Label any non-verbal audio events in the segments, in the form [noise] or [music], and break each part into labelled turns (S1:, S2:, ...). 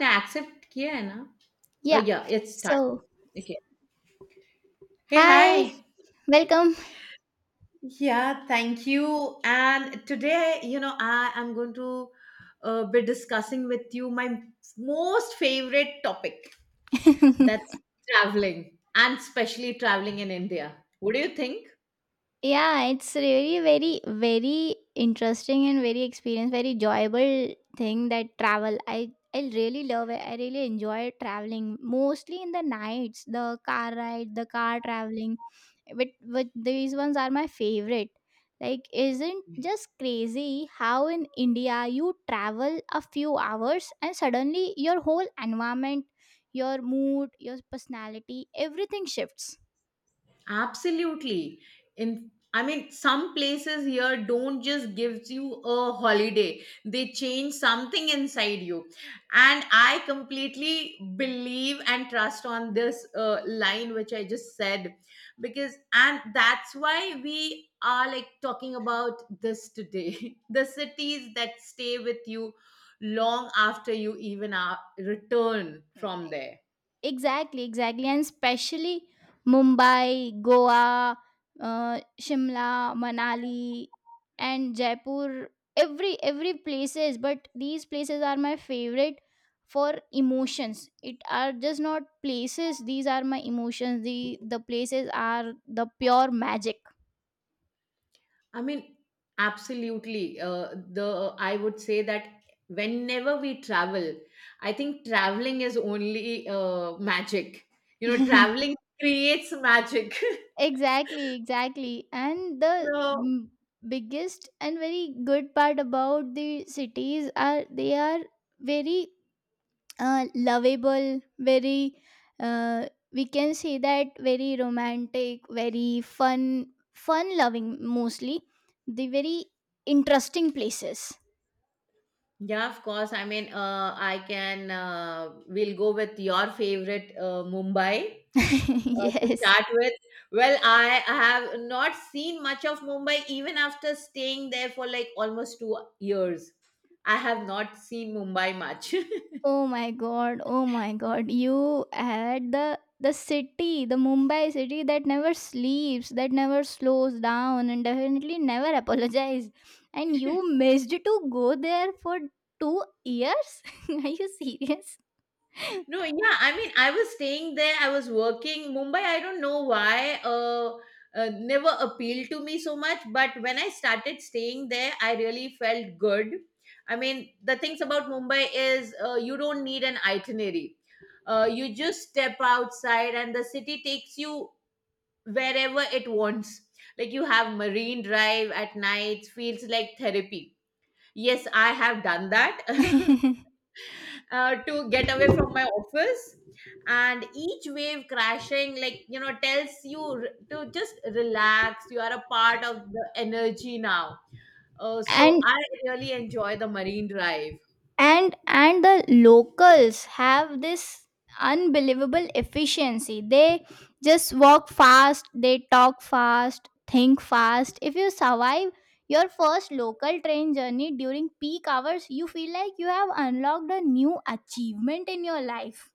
S1: ने एक्सेप्ट किया है ना? Uh,
S2: Yeah.
S1: Yeah it's starting
S2: So,
S1: okay. Hey hi!
S2: hi, welcome.
S1: Yeah, thank you. And today, you know, I am going to be discussing with you my most favorite topic that's traveling and especially traveling in India. What do you think?
S2: Yeah, it's really very very interesting and very experience, very enjoyable thing that travel. I really love it. I really enjoy traveling mostly in the nights, the car ride, the car traveling. But these ones are my favorite. Like isn't just crazy how in India you travel a few hours and suddenly your whole environment, your mood, your personality, everything shifts.
S1: Absolutely. In I mean, some places here don't just give you a holiday. They change something inside you. And I completely believe and trust on this line which I just said because and that's why we are like talking about this today. [laughs] The cities that stay with you long after you even are return from there.
S2: Exactly, exactly. And especially Mumbai, Goa, Shimla, Manali, and Jaipur. Every places, but these places are my favorite for emotions. It are just not places. These are my emotions. The places are the pure magic.
S1: I mean, absolutely. The I would say that whenever we travel, I think traveling is only magic. You know, traveling
S2: [laughs]
S1: creates magic. [laughs]
S2: Exactly, exactly. And the
S1: So
S2: biggest and very good part about the cities are they are very lovable, very, uh, we can say that very romantic, very fun loving mostly, the very interesting places.
S1: yeah, of course. I mean, I can. We'll go with your favorite Mumbai.
S2: [laughs]
S1: To
S2: Yes.
S1: start with, well, I have not seen much of Mumbai even after staying there for like almost 2 years. I have not seen Mumbai much. [laughs]
S2: Oh my god, oh my god. You had the city, the Mumbai city that never sleeps, that never slows down and definitely never [laughs] apologizes. And you missed to go there for 2 years? [laughs] Are you serious?
S1: No, yeah, I mean, I was staying there, I was working. Mumbai, I don't know why, never appealed to me so much. But when I started staying there, I really felt good. I mean, the things about Mumbai is you don't need an itinerary. You just step outside and the city takes you wherever it wants. Like you have Marine Drive at night, feels like therapy. Yes, I have done that. [laughs]
S2: [laughs]
S1: Uh, to get away from my office and each wave crashing, like, you know, tells you to just relax, you are a part of the energy now. So
S2: and
S1: I really enjoy the Marine Drive.
S2: and the locals have this unbelievable efficiency. They just walk fast, they talk fast, think fast. If you survive your first local train journey during peak hours you feel like you have unlocked a new achievement in your life.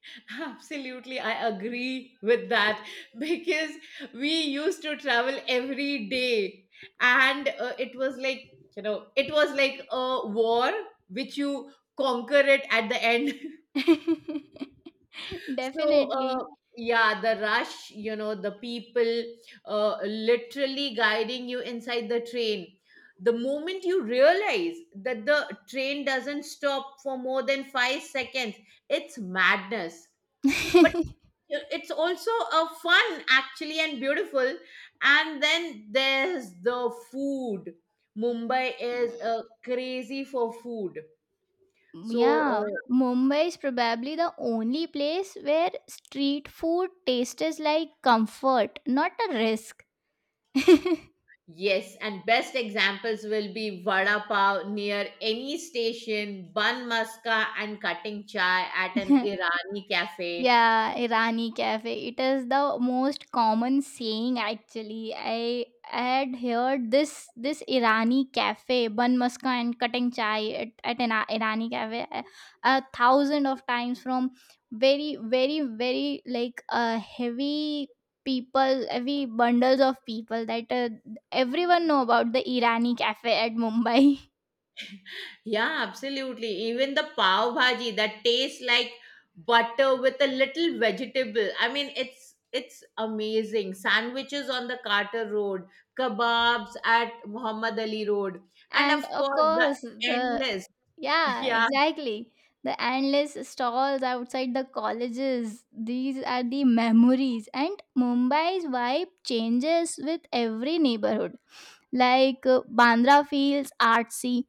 S1: [laughs] Absolutely, I agree with that. [laughs] Because we used to travel every day, and it was like, you know, it was like a war which you conquer it at the end. [laughs]
S2: [laughs]
S1: So,
S2: Definitely.
S1: yeah, the rush, you know, the people literally guiding you inside the train. The moment you realize that the train doesn't stop for more than 5 seconds, it's madness. But it's also a fun, actually, and beautiful. And then there's the food. Mumbai is crazy for food. So,
S2: Yeah, Mumbai is probably the only place where street food tastes like comfort, not a risk. [laughs]
S1: yes, and best examples will be vada pav near any station, bun maska, and cutting chai at an
S2: [laughs]
S1: Irani cafe.
S2: Yeah, Irani cafe. It is the most common saying actually. I had heard this Irani cafe, bun muska and cutting chai at an Irani cafe a thousand of times from very very very like heavy people, heavy bundles of people, that everyone know about the Irani cafe at Mumbai. [laughs]
S1: Yeah, absolutely. Even the pav bhaji that tastes like butter with a little vegetable. I mean, it's amazing. Sandwiches on the Carter Road, kebabs at Muhammad Ali Road, and of
S2: And of
S1: course the
S2: course, the
S1: endless. [laughs]
S2: Yeah,
S1: Yeah,
S2: exactly. The endless stalls outside the colleges, these are the memories. And Mumbai's vibe changes with every neighborhood. Like Bandra feels artsy,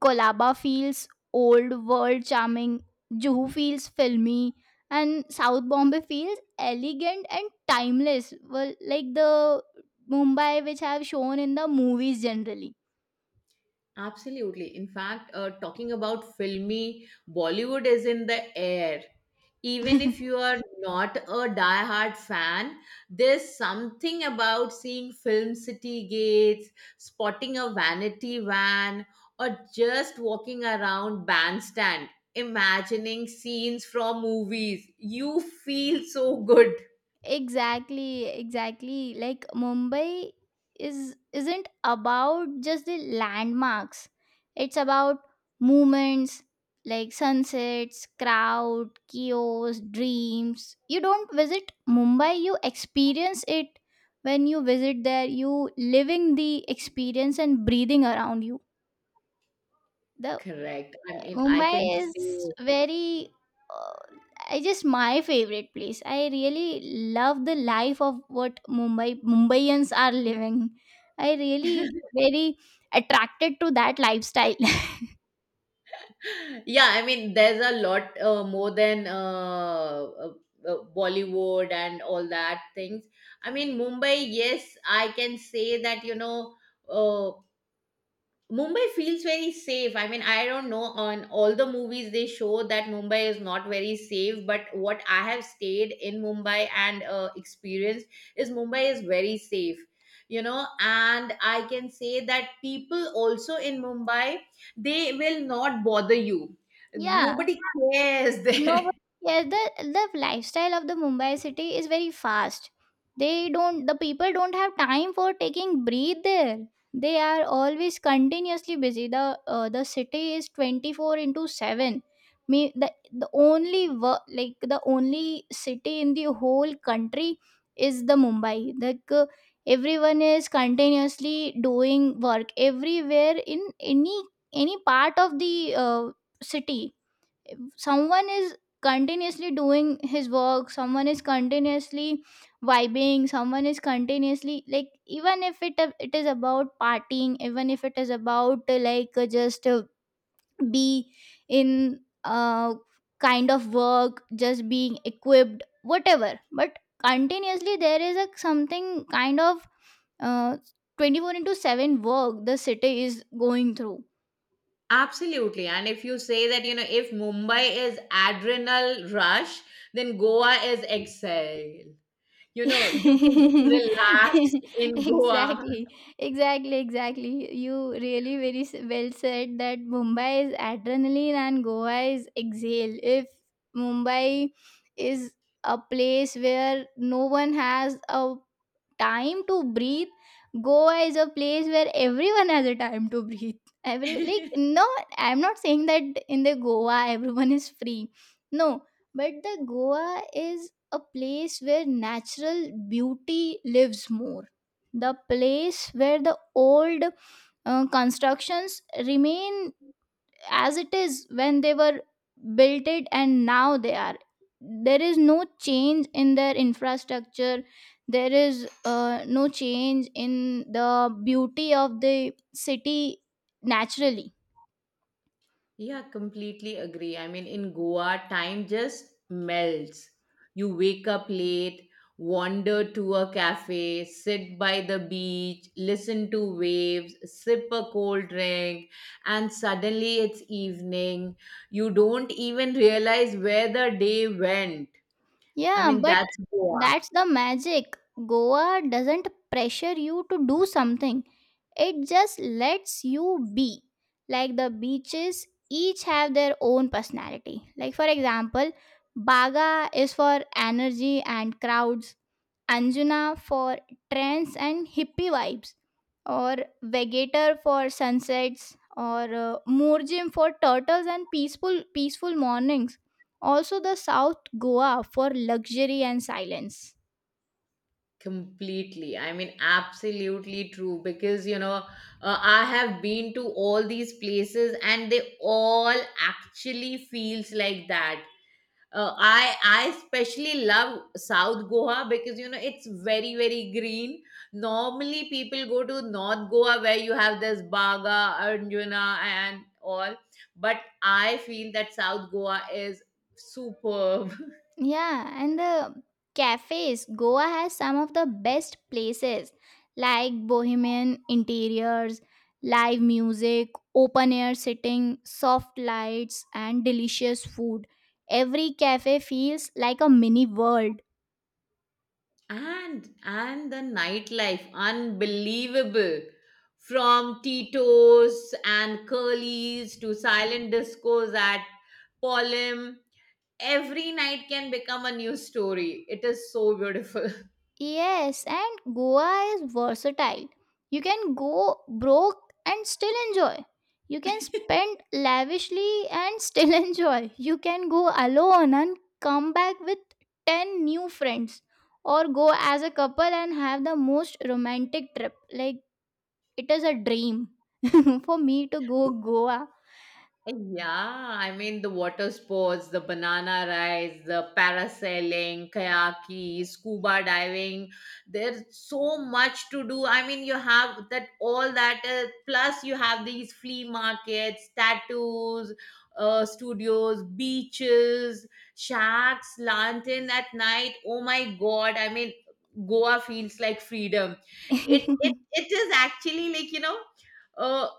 S2: Kolaba feels old world charming, Juhu feels filmy, and South Bombay feels elegant and timeless. Well, like the Mumbai which I have shown in the movies generally.
S1: absolutely. In fact, talking about filmy, Bollywood is in the air. Even if
S2: [laughs]
S1: you are not a diehard fan, there's something about seeing film city gates, spotting a vanity van, or just walking around bandstand, imagining scenes from movies. You feel so good.
S2: Exactly, exactly. Like Mumbai is isn't about just the landmarks. It's about movements like sunsets, crowd, chaos, dreams. You don't visit Mumbai, you experience it. When you visit there, you living the experience and breathing around you. The
S1: Correct. I mean, I can
S2: Mumbai
S1: say.
S2: is very, uh, I just my favorite place. I really love the life of what Mumbai Mumbaians are living. I really
S1: [laughs]
S2: very attracted to that lifestyle.
S1: Yeah, I mean there's a lot more than uh, Bollywood and all that things. I mean Mumbai, yes, I can say that, you know, uh, Mumbai feels very safe. I mean, I don't know on all the movies they show that Mumbai is not very safe, but what I have stayed in Mumbai and experienced is Mumbai is very safe. You know, and I can say that people also in Mumbai, they will not bother you.
S2: [laughs] Yeah.
S1: Nobody cares [laughs] there.
S2: No, but yeah, the lifestyle of the Mumbai city is very fast. The people don't have time for taking breathe there. They are always continuously busy. The city is 24 into 7. Me the only work, like the only city in the whole country is the Mumbai. Like everyone is continuously doing work everywhere in any part of the city. Someone is continuously doing his work, someone is continuously vibing, someone is continuously, like, even if it is about partying, even if it is about like just be in kind of work, just being equipped, whatever, but continuously there is a something kind of uh 24 into 7 work the city is going through.
S1: Absolutely. And if you say that, you know, if Mumbai is adrenal rush, then Goa is exhale. You
S2: [laughs]
S1: know, you can just
S2: Exactly,
S1: relax in Goa.
S2: exactly, exactly. You really very well said that Mumbai is adrenaline and Goa is exhale. If Mumbai is a place where no one has a time to breathe, Goa is a place where everyone has a time to breathe. [laughs] Every, like,
S1: [laughs]
S2: no, I'm not saying that in the Goa [laughs] everyone is free. No, but the Goa is a place where natural beauty lives more, the place where the old constructions remain as it is when they were built it, and now they are there is no change in their infrastructure. There is no change in the beauty of the city, naturally.
S1: Yeah, completely agree. I mean, in Goa, time just melts. You wake up late, wander to a cafe, sit by the beach, listen to waves, sip a cold drink, and suddenly it's evening. You don't even realize where the day went. I
S2: Yeah,
S1: mean,
S2: but
S1: that's Goa.
S2: that's the magic. Goa doesn't pressure you to do something, it just lets you be. Like the beaches, each have their own personality. Like, for example, Baga is for energy and crowds, Anjuna for trends and hippie vibes, or Vegator for sunsets, or Moorjim for turtles and peaceful mornings. Also, the South Goa for luxury and silence.
S1: Completely. I mean, absolutely true. Because, you know, I have been to all these places and they all actually feels like that. I especially love South Goa because you know it's very very green. Normally people go to North Goa where you have this Baga, Arjuna and all, but I feel that South Goa is superb. [laughs]
S2: Yeah, and the cafes. Goa has some of the best places, like bohemian interiors, live music, open air sitting, soft lights, and delicious food. Every cafe feels like a mini world.
S1: And the nightlife, unbelievable, from Titos and Curly's to silent discos at Polym. Every night can become a new story. It is so beautiful. [laughs]
S2: Yes, and Goa is versatile. You can go broke and still enjoy. You can spend lavishly and still [laughs] enjoy. You can go alone and come back with 10 new friends. Or go as a couple and have the most romantic trip. Like, it is a dream [laughs] for me to go Goa.
S1: Yeah, I mean the water sports, the banana rides, the parasailing, kayaking, scuba diving. There's so much to do. I mean, you have that all that. Plus, you have these flea markets, tattoos, studios, beaches, shacks, lantern at night. Oh my God! I mean, Goa feels like freedom. It is actually like, you know. Uh,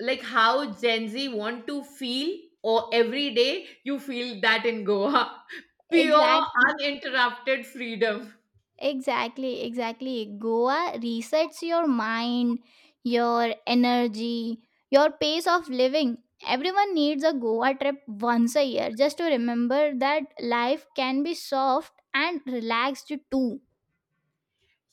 S1: like how Gen Z want to feel, or every day you feel that in Goa. [laughs]
S2: [laughs]
S1: Pure,
S2: Exactly.
S1: uninterrupted freedom.
S2: Exactly, exactly. Goa resets your mind, your energy, your pace of living. Everyone needs a Goa trip once a year just to remember that life can be soft and relaxed too.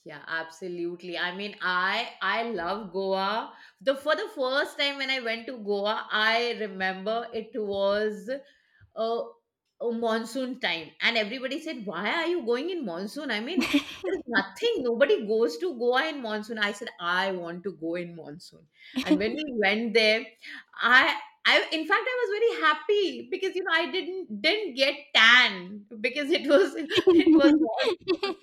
S1: Yeah, absolutely. I mean, I love Goa. The for the first time when I went to Goa, I remember it was a, a monsoon time, and everybody said, "Why are you going in monsoon?" I mean, there's nothing. Nobody goes to Goa in monsoon. I said, "I want to go in monsoon," and when we went there, I. In fact, I was very happy because, you know, I didn't get tan because it was [laughs] it was monsoon,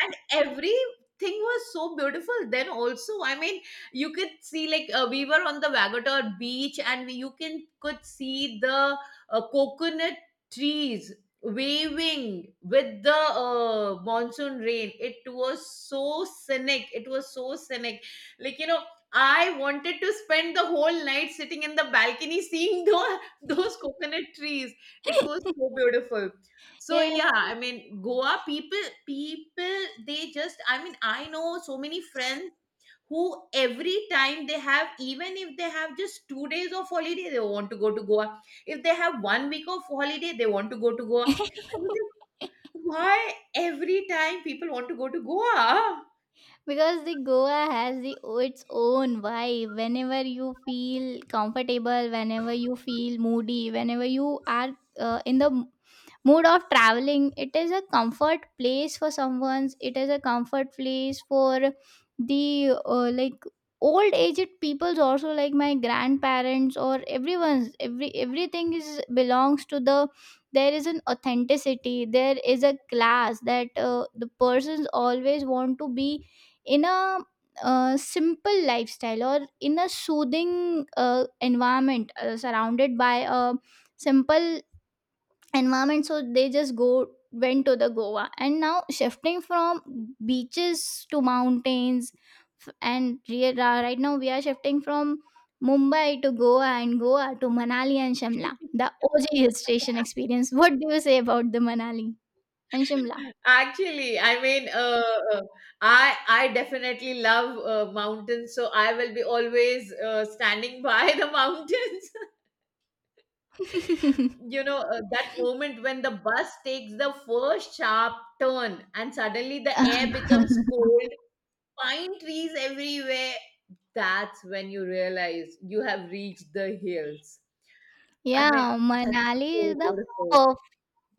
S1: and every thing was so beautiful then also. I mean, you could see like we were on the Vagator beach, and you can could see the coconut trees waving with the monsoon rain. It was so scenic, it was so scenic. Like, you know, I wanted to spend the whole night sitting in the balcony seeing [laughs] those coconut trees. It was so beautiful. So
S2: Yeah.
S1: yeah, I mean Goa, people, they just, I mean I know so many friends, who every time they have, even if they have just 2 days of holiday they want to go to Goa, if they have one week of holiday they want to go to Goa. I was
S2: [laughs]
S1: like, why every time people want to go to Goa?
S2: Because the Goa has the its own vibe. Whenever you feel comfortable, whenever you feel moody, whenever you are in the mood of traveling, it is a comfort place for someone's, it is a comfort place for the like old aged peoples also, like my grandparents or everyone's. Every everything is belongs to the there is an authenticity, there is a class that the persons always want to be in a simple lifestyle or in a soothing environment, surrounded by a simple environment. So they just go went to the Goa, and now shifting from beaches to mountains. Right now we are shifting from Mumbai to Goa and Goa to Manali and Shimla, the OG hill station experience. What do you say about the Manali and Shimla?
S1: Actually, I mean, uh, I definitely love mountains, so I will be always standing [laughs] by the mountains.
S2: [laughs]
S1: You know, that moment when the bus takes the first sharp turn and suddenly the air
S2: [laughs]
S1: becomes cold, pine trees everywhere, that's when you realize you have reached the hills. I
S2: Yeah,
S1: mean, that's
S2: Manali
S1: so
S2: is the
S1: beautiful.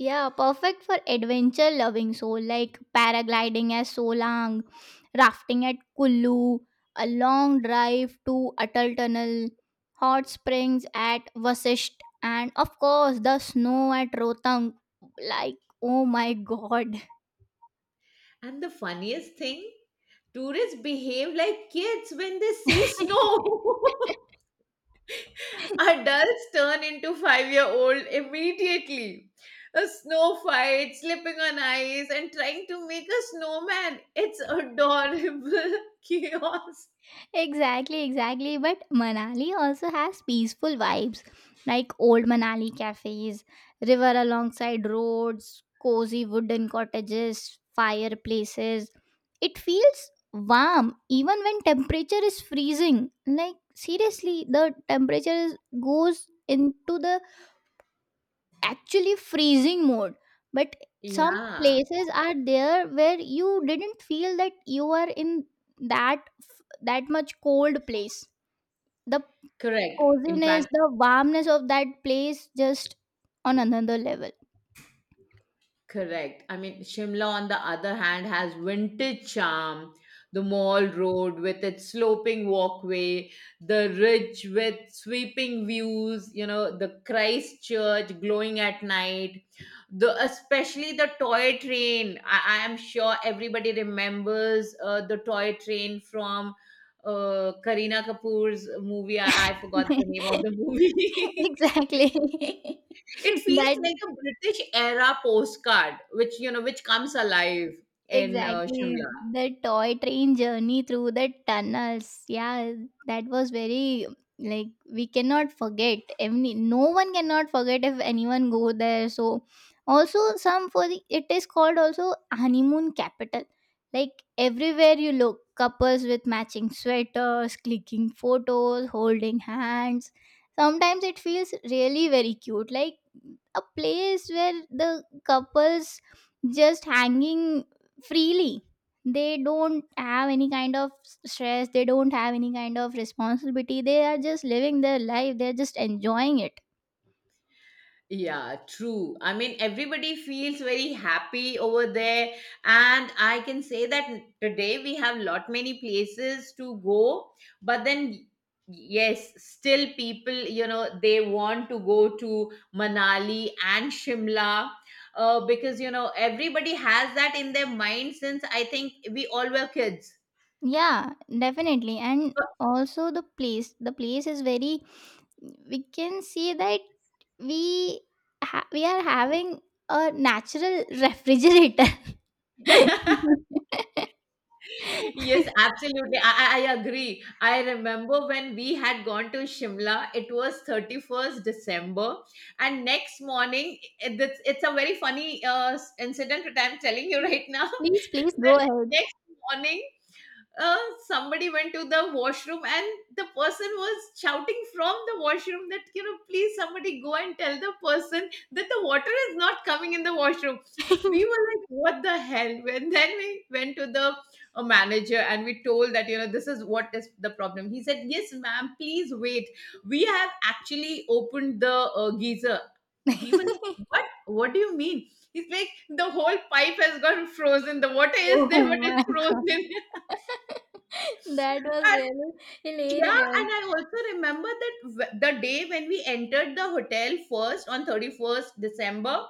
S2: Yeah, perfect for adventure loving soul, like paragliding at Solang, rafting at Kullu, a long drive to Atal Tunnel, hot springs at Vasisht, and of course the snow at Rohtang. Like, oh my god.
S1: And the funniest thing, tourists behave like kids when they see snow. [laughs]
S2: [laughs]
S1: Adults turn into 5 year old immediately. A snow fight, slipping on ice, and trying to make a snowman. It's adorable [laughs] chaos.
S2: Exactly, exactly. But Manali also has peaceful vibes, like old Manali cafes, river alongside roads, cozy wooden cottages, fireplaces. It feels warm even when temperature is freezing. Like seriously, the temperature is, goes into the actually freezing mode. But some
S1: Yeah,
S2: places are there where you didn't feel that you are in that that much cold place. The
S1: correct. In
S2: coziness,
S1: fact,
S2: the warmness of that place just on another level.
S1: correct. I mean, Shimla, on the other hand, has vintage charm. The mall road with its sloping walkway, the ridge with sweeping views, you know, the Christchurch glowing at night, the especially the toy train. I am sure everybody remembers the toy train from Kareena Kapoor's movie. I forgot the name of
S2: [laughs]
S1: the movie. [laughs]
S2: Exactly. [laughs]
S1: It feels
S2: That
S1: like a British era postcard, which you know, which comes alive in
S2: Exactly.
S1: Shimla.
S2: The toy train journey through the tunnels. Yeah, that was very, like, we cannot forget. Any, no one cannot forget if anyone go there. So also some for the, it is called also honeymoon capital. Like everywhere you look, couples with matching sweaters, clicking photos, holding hands. Sometimes it feels really very cute. Like a place where the couples just hanging freely, they don't have any kind of stress, they don't have any kind of responsibility, they are just living their life, they're just enjoying it.
S1: Yeah, true. I mean, everybody feels very happy over there, and I can say that today we have lot many places to go, but then. Yes, still people, you know, they want to go to Manali and Shimla because, you know, everybody has that in their mind since I think we all were kids.
S2: Yeah, definitely. And also the place, the place is very, we can see that we we are having a natural refrigerator.
S1: [laughs]
S2: [laughs]
S1: Yes, absolutely. I agree. I remember when we had gone to Shimla, it was 31st December. And next morning, it's a very funny incident that I'm telling you right now.
S2: Please, please
S1: [laughs]
S2: go
S1: That
S2: ahead.
S1: next morning, uh, somebody went to the washroom and the person was shouting from the washroom that, you know, please somebody go and tell the person that the water is not coming in the washroom. We were like, what the hell. [laughs] And then we went to the manager and we told that, you know, this is what is the problem. He said, yes ma'am, please wait, we have actually opened the geyser. We
S2: [laughs]
S1: were like, what do you mean? He's like, the whole pipe has gone frozen, the water is there
S2: Oh
S1: but
S2: my
S1: it's
S2: god.
S1: frozen.
S2: [laughs] That
S1: [laughs]
S2: was
S1: I
S2: really
S1: yeah,
S2: hilarious.
S1: and I also remember that the day when we entered the hotel first on 31st December,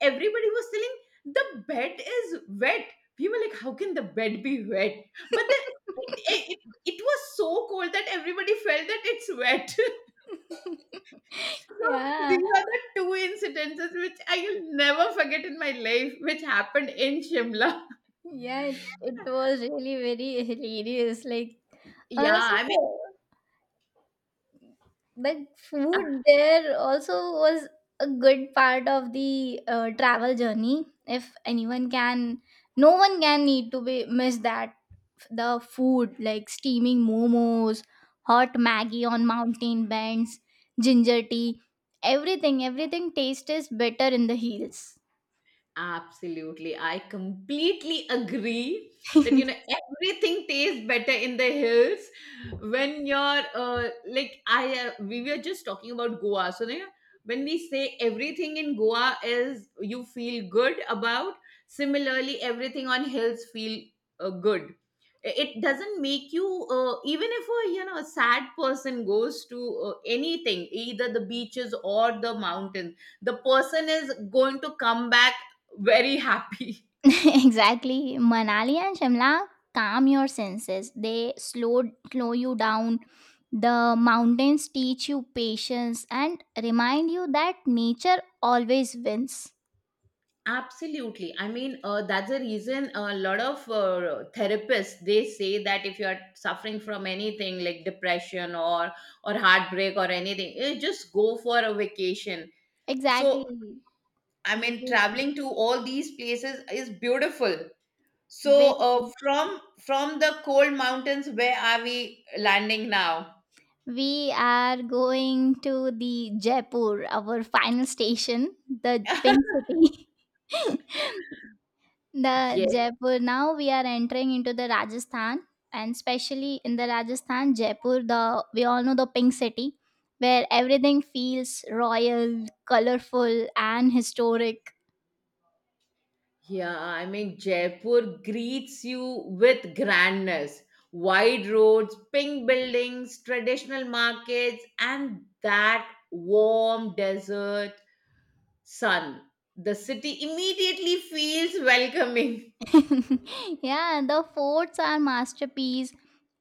S1: everybody was telling the bed is wet. We were like, how can the bed be wet? But then it was so cold that everybody felt that it's wet. [laughs] So
S2: [laughs]
S1: these
S2: Yeah,
S1: are the two incidences which I will never forget in my life, which happened in Shimla. [laughs]
S2: yeah, it was really very hilarious. Like,
S1: Yeah,
S2: also,
S1: I mean,
S2: the food there also was a good part of the travel journey. If anyone can, no one can need to be miss that, the food like steaming momos, hot Maggie on mountain bends, ginger tea, everything, everything tastes better in the hills.
S1: absolutely. I completely agree that,
S2: [laughs]
S1: you know, everything tastes better in the hills when you're like, we were just talking about Goa. So, you know, when we say everything in Goa is you feel good about, similarly, everything on hills feel good. It doesn't make you, even if a, a sad person goes to anything, either the beaches or the mountains, the person is going to come back very happy.
S2: [laughs] Exactly. Manali and Shimla calm your senses. They slow you down. The mountains teach you patience and remind you that nature always wins.
S1: Absolutely. I mean, that's the reason a lot of therapists they say that if you are suffering from anything like depression or heartbreak or anything, you just go for a vacation. So,
S2: Exactly.
S1: I mean,
S2: Vacation.
S1: traveling to all these places is beautiful. So,
S2: Very,
S1: from the cold mountains, where are we landing now?
S2: we are going to the Jaipur, our final station, the pink
S1: [laughs]
S2: city. [laughs] The
S1: Yes.
S2: Jaipur. Now we are entering into the Rajasthan, and especially in the Rajasthan, Jaipur. The We all know the pink city, where everything feels royal, colorful, and historic.
S1: Yeah, I mean, Jaipur greets you with grandness. Wide roads, pink buildings, traditional markets, and that warm desert sun. The city immediately feels welcoming. [laughs]
S2: [laughs] Yeah, the forts are masterpiece,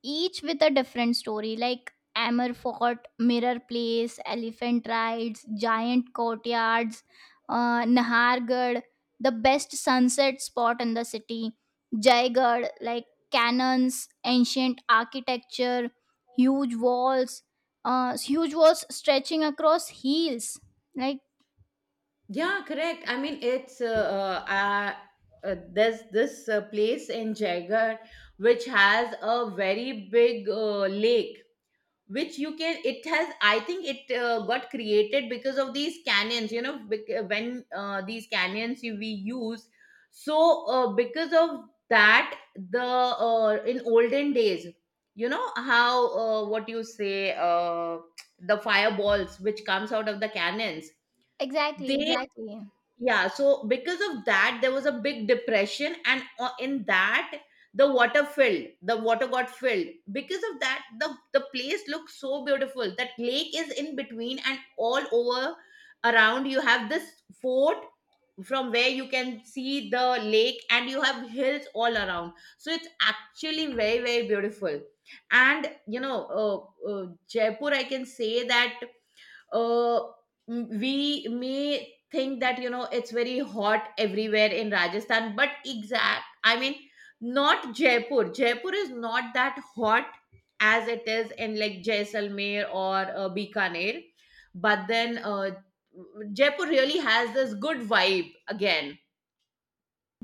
S2: each with a different story. Like Amber Fort, Mirror Place, Elephant Rides, Giant Courtyards, Nahargarh, the best sunset spot in the city. Jaigarh, like cannons, ancient architecture, huge walls, huge walls stretching across hills. Like
S1: Yeah, correct. I mean, it's there's this place in Jaigarh which has a very big lake which you can it has I think it got created because of these canyons, you know, when these canyons we use. So because of that the in olden days, you know how what you say, the fireballs which comes out of the cannons
S2: exactly,
S1: they.
S2: exactly.
S1: Yeah, so because of that there was a big depression and in that the water filled, the water got filled, because of that the place looks so beautiful. That lake is in between and all over around you have this fort from where you can see the lake and you have hills all around, so it's actually very, very beautiful. And you know, Jaipur I can say that uh, we may think that, you know, it's very hot everywhere in Rajasthan, but exact, I mean, not Jaipur. Jaipur is not that hot as it is in like Jaisalmer or Bikaner, but then Jaipur really has this good vibe again.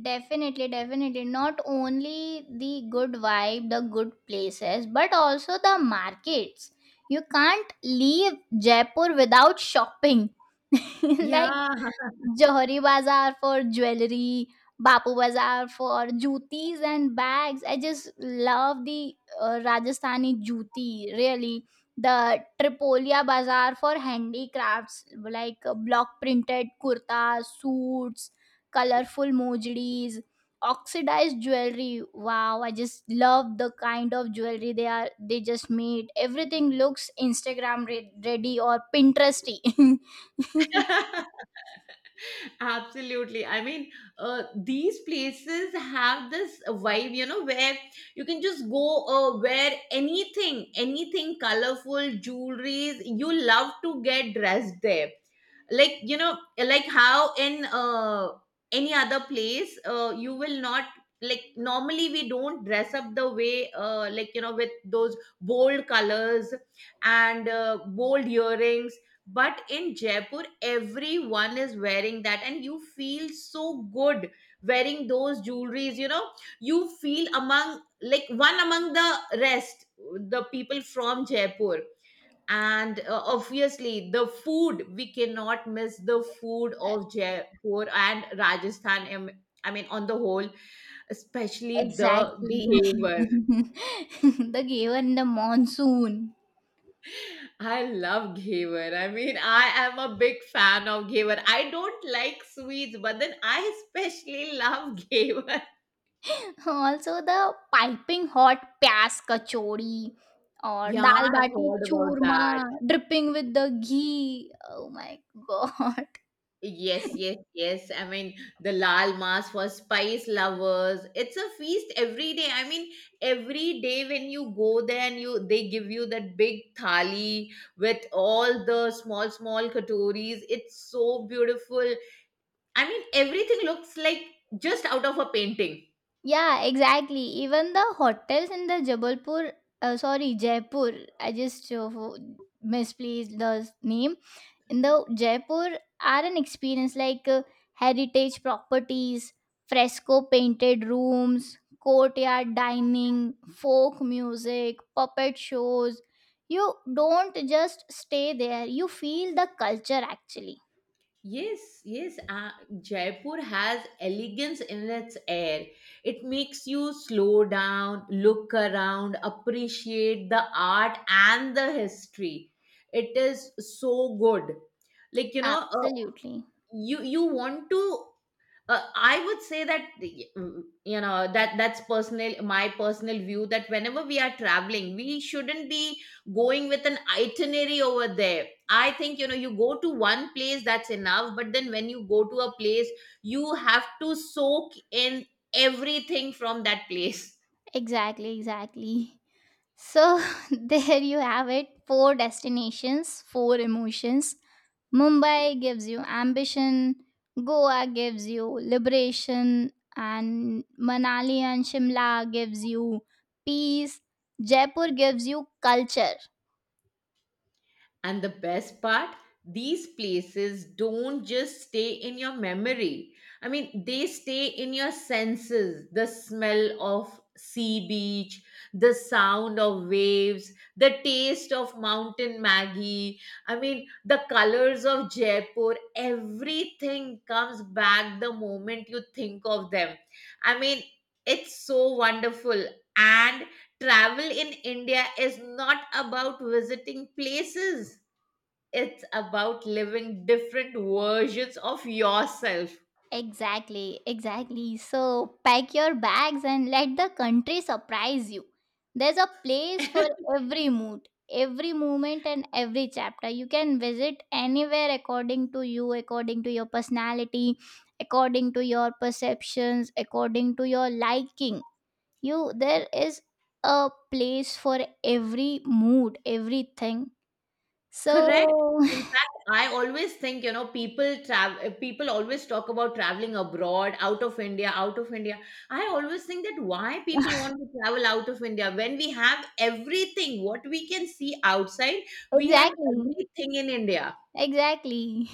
S2: Definitely, definitely. Not only the good vibe, the good places, but also the markets. You can't leave Jaipur without shopping. [laughs]
S1: Yeah.
S2: Like Johari Bazaar for jewelry, Bapu Bazaar for jutis and bags. I just love the Rajasthani juti, really. The Tripolia Bazaar for handicrafts, like block printed kurtas, suits, colorful mojlis, oxidized jewelry. Wow, I just love the kind of jewelry they just made. Everything looks Instagram ready or Pinteresty. [laughs]
S1: [laughs] Absolutely. I mean, these places have this vibe, you know, where you can just go wear anything, anything colorful, jewelries. You love to get dressed there. Like, you know, like how in any other place, you will not, like normally we don't dress up the way like, you know, with those bold colors and bold earrings, but in Jaipur everyone is wearing that and you feel so good wearing those jewelries, you know. You feel among, like one among the rest, the people from Jaipur. And obviously the food, we cannot miss the food of Jaipur and Rajasthan I mean on the whole, especially the
S2: Exactly. [laughs]
S1: behavior.
S2: The given the monsoon.
S1: I love Ghevar. I mean, I am a big fan of Ghevar. I don't like sweets, but then I especially [laughs] love Ghevar.
S2: Also the piping hot pyas kachori or
S1: Yeah,
S2: dal
S1: I've
S2: bati
S1: heard about
S2: churma
S1: that.
S2: dripping with the ghee. Oh my god. [laughs]
S1: Yes, yes, yes. I mean, the Lal Mas for spice lovers. It's a feast every day. I mean, every day when you go there and you they give you that big thali with all the small, small katoris. It's so beautiful. I mean, everything looks like just out of a painting.
S2: Yeah, exactly. Even the hotels in the Jabalpur, sorry, Jaipur. I just misplaced the name. The Jaipur are an experience, like heritage properties, fresco painted rooms, courtyard dining, folk music, puppet shows. You don't just stay there, you feel the culture actually.
S1: Yes, yes. Jaipur has elegance in its air. It makes you slow down, look around, appreciate the art and the history. It is so good. Like you know,
S2: Absolutely.
S1: you want to I would say that you know that that's personal, my personal view, that whenever we are traveling we shouldn't be going with an itinerary over there. I think, you know, you go to one place, that's enough, but then when you go to a place you have to soak in everything from that place.
S2: Exactly, exactly. So, [laughs] there you have it, four destinations, four emotions. Mumbai gives you ambition, Goa gives you liberation, and Manali and Shimla gives you peace, Jaipur gives you culture.
S1: And the best part, these places don't just stay in your memory. I mean, they stay in your senses. The smell of sea beach, the sound of waves, the taste of mountain Maggie. I mean, the colors of Jaipur, everything comes back the moment you think of them. I mean, it's so wonderful. And travel in India is not about visiting places, it's about living different versions of yourself.
S2: Exactly, exactly. So pack your bags and let the country surprise you. There's a place for every mood, every moment, and every chapter. You can visit anywhere according to you, according to your personality, according to your perceptions, according to your liking. You there is a place for every mood, everything. So
S1: Correct. In fact, I always think, you know, people travel, people always talk about traveling abroad, out of India, out of India. I always think that why people want to travel out of India when we have everything, what we can see outside,
S2: [laughs]
S1: we have
S2: exactly,
S1: everything in India.
S2: exactly,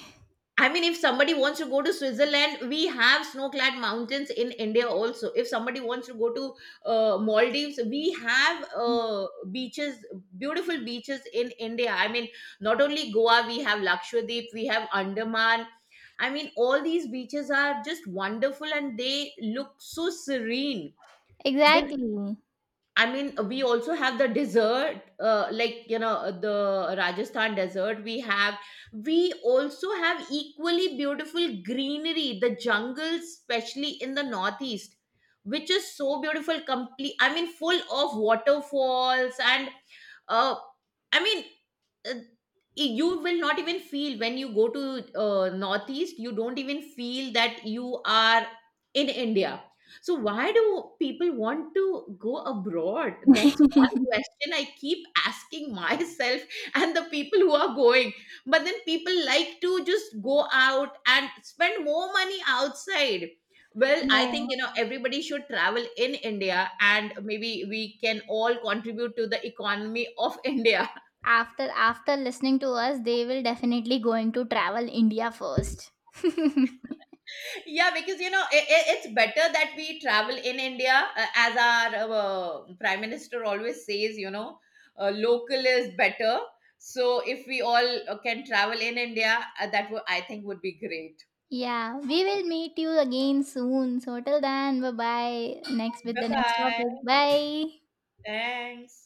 S1: I mean, if somebody wants to go to Switzerland, we have snow-clad mountains in India also. If somebody wants to go to Maldives, we have beaches, beautiful beaches in India. I mean, not only Goa, we have Lakshadweep, we have Andaman. I mean, all these beaches are just wonderful and they look so serene. Then
S2: exactly.
S1: I mean, we also have the dessert, like you know, the Rajasthan dessert. We also have equally beautiful greenery, the jungles, especially in the northeast, which is so beautiful. Complete, I mean, full of waterfalls and, uh, I mean, uh, you will not even feel when you go to northeast, you don't even feel that you are in India. So why do people want to go abroad? That's one
S2: [laughs]
S1: question I keep asking [laughs] myself. And the people who are going, but then people like to just go out and spend more money outside. Well, I think,
S2: No.
S1: you know, everybody should travel in India and maybe we can all contribute to the economy of [laughs] India.
S2: After listening to us, they will definitely going to travel India first. [laughs]
S1: Yeah, because you know it's better that we travel in India, as our prime minister always says, you know, local is better. So if we all can travel in India, that would, I think, would be great.
S2: Yeah, we will meet you again soon. So till then, bye bye. Next with
S1: Bye
S2: the next topic.
S1: bye.
S2: Bye.
S1: Thanks.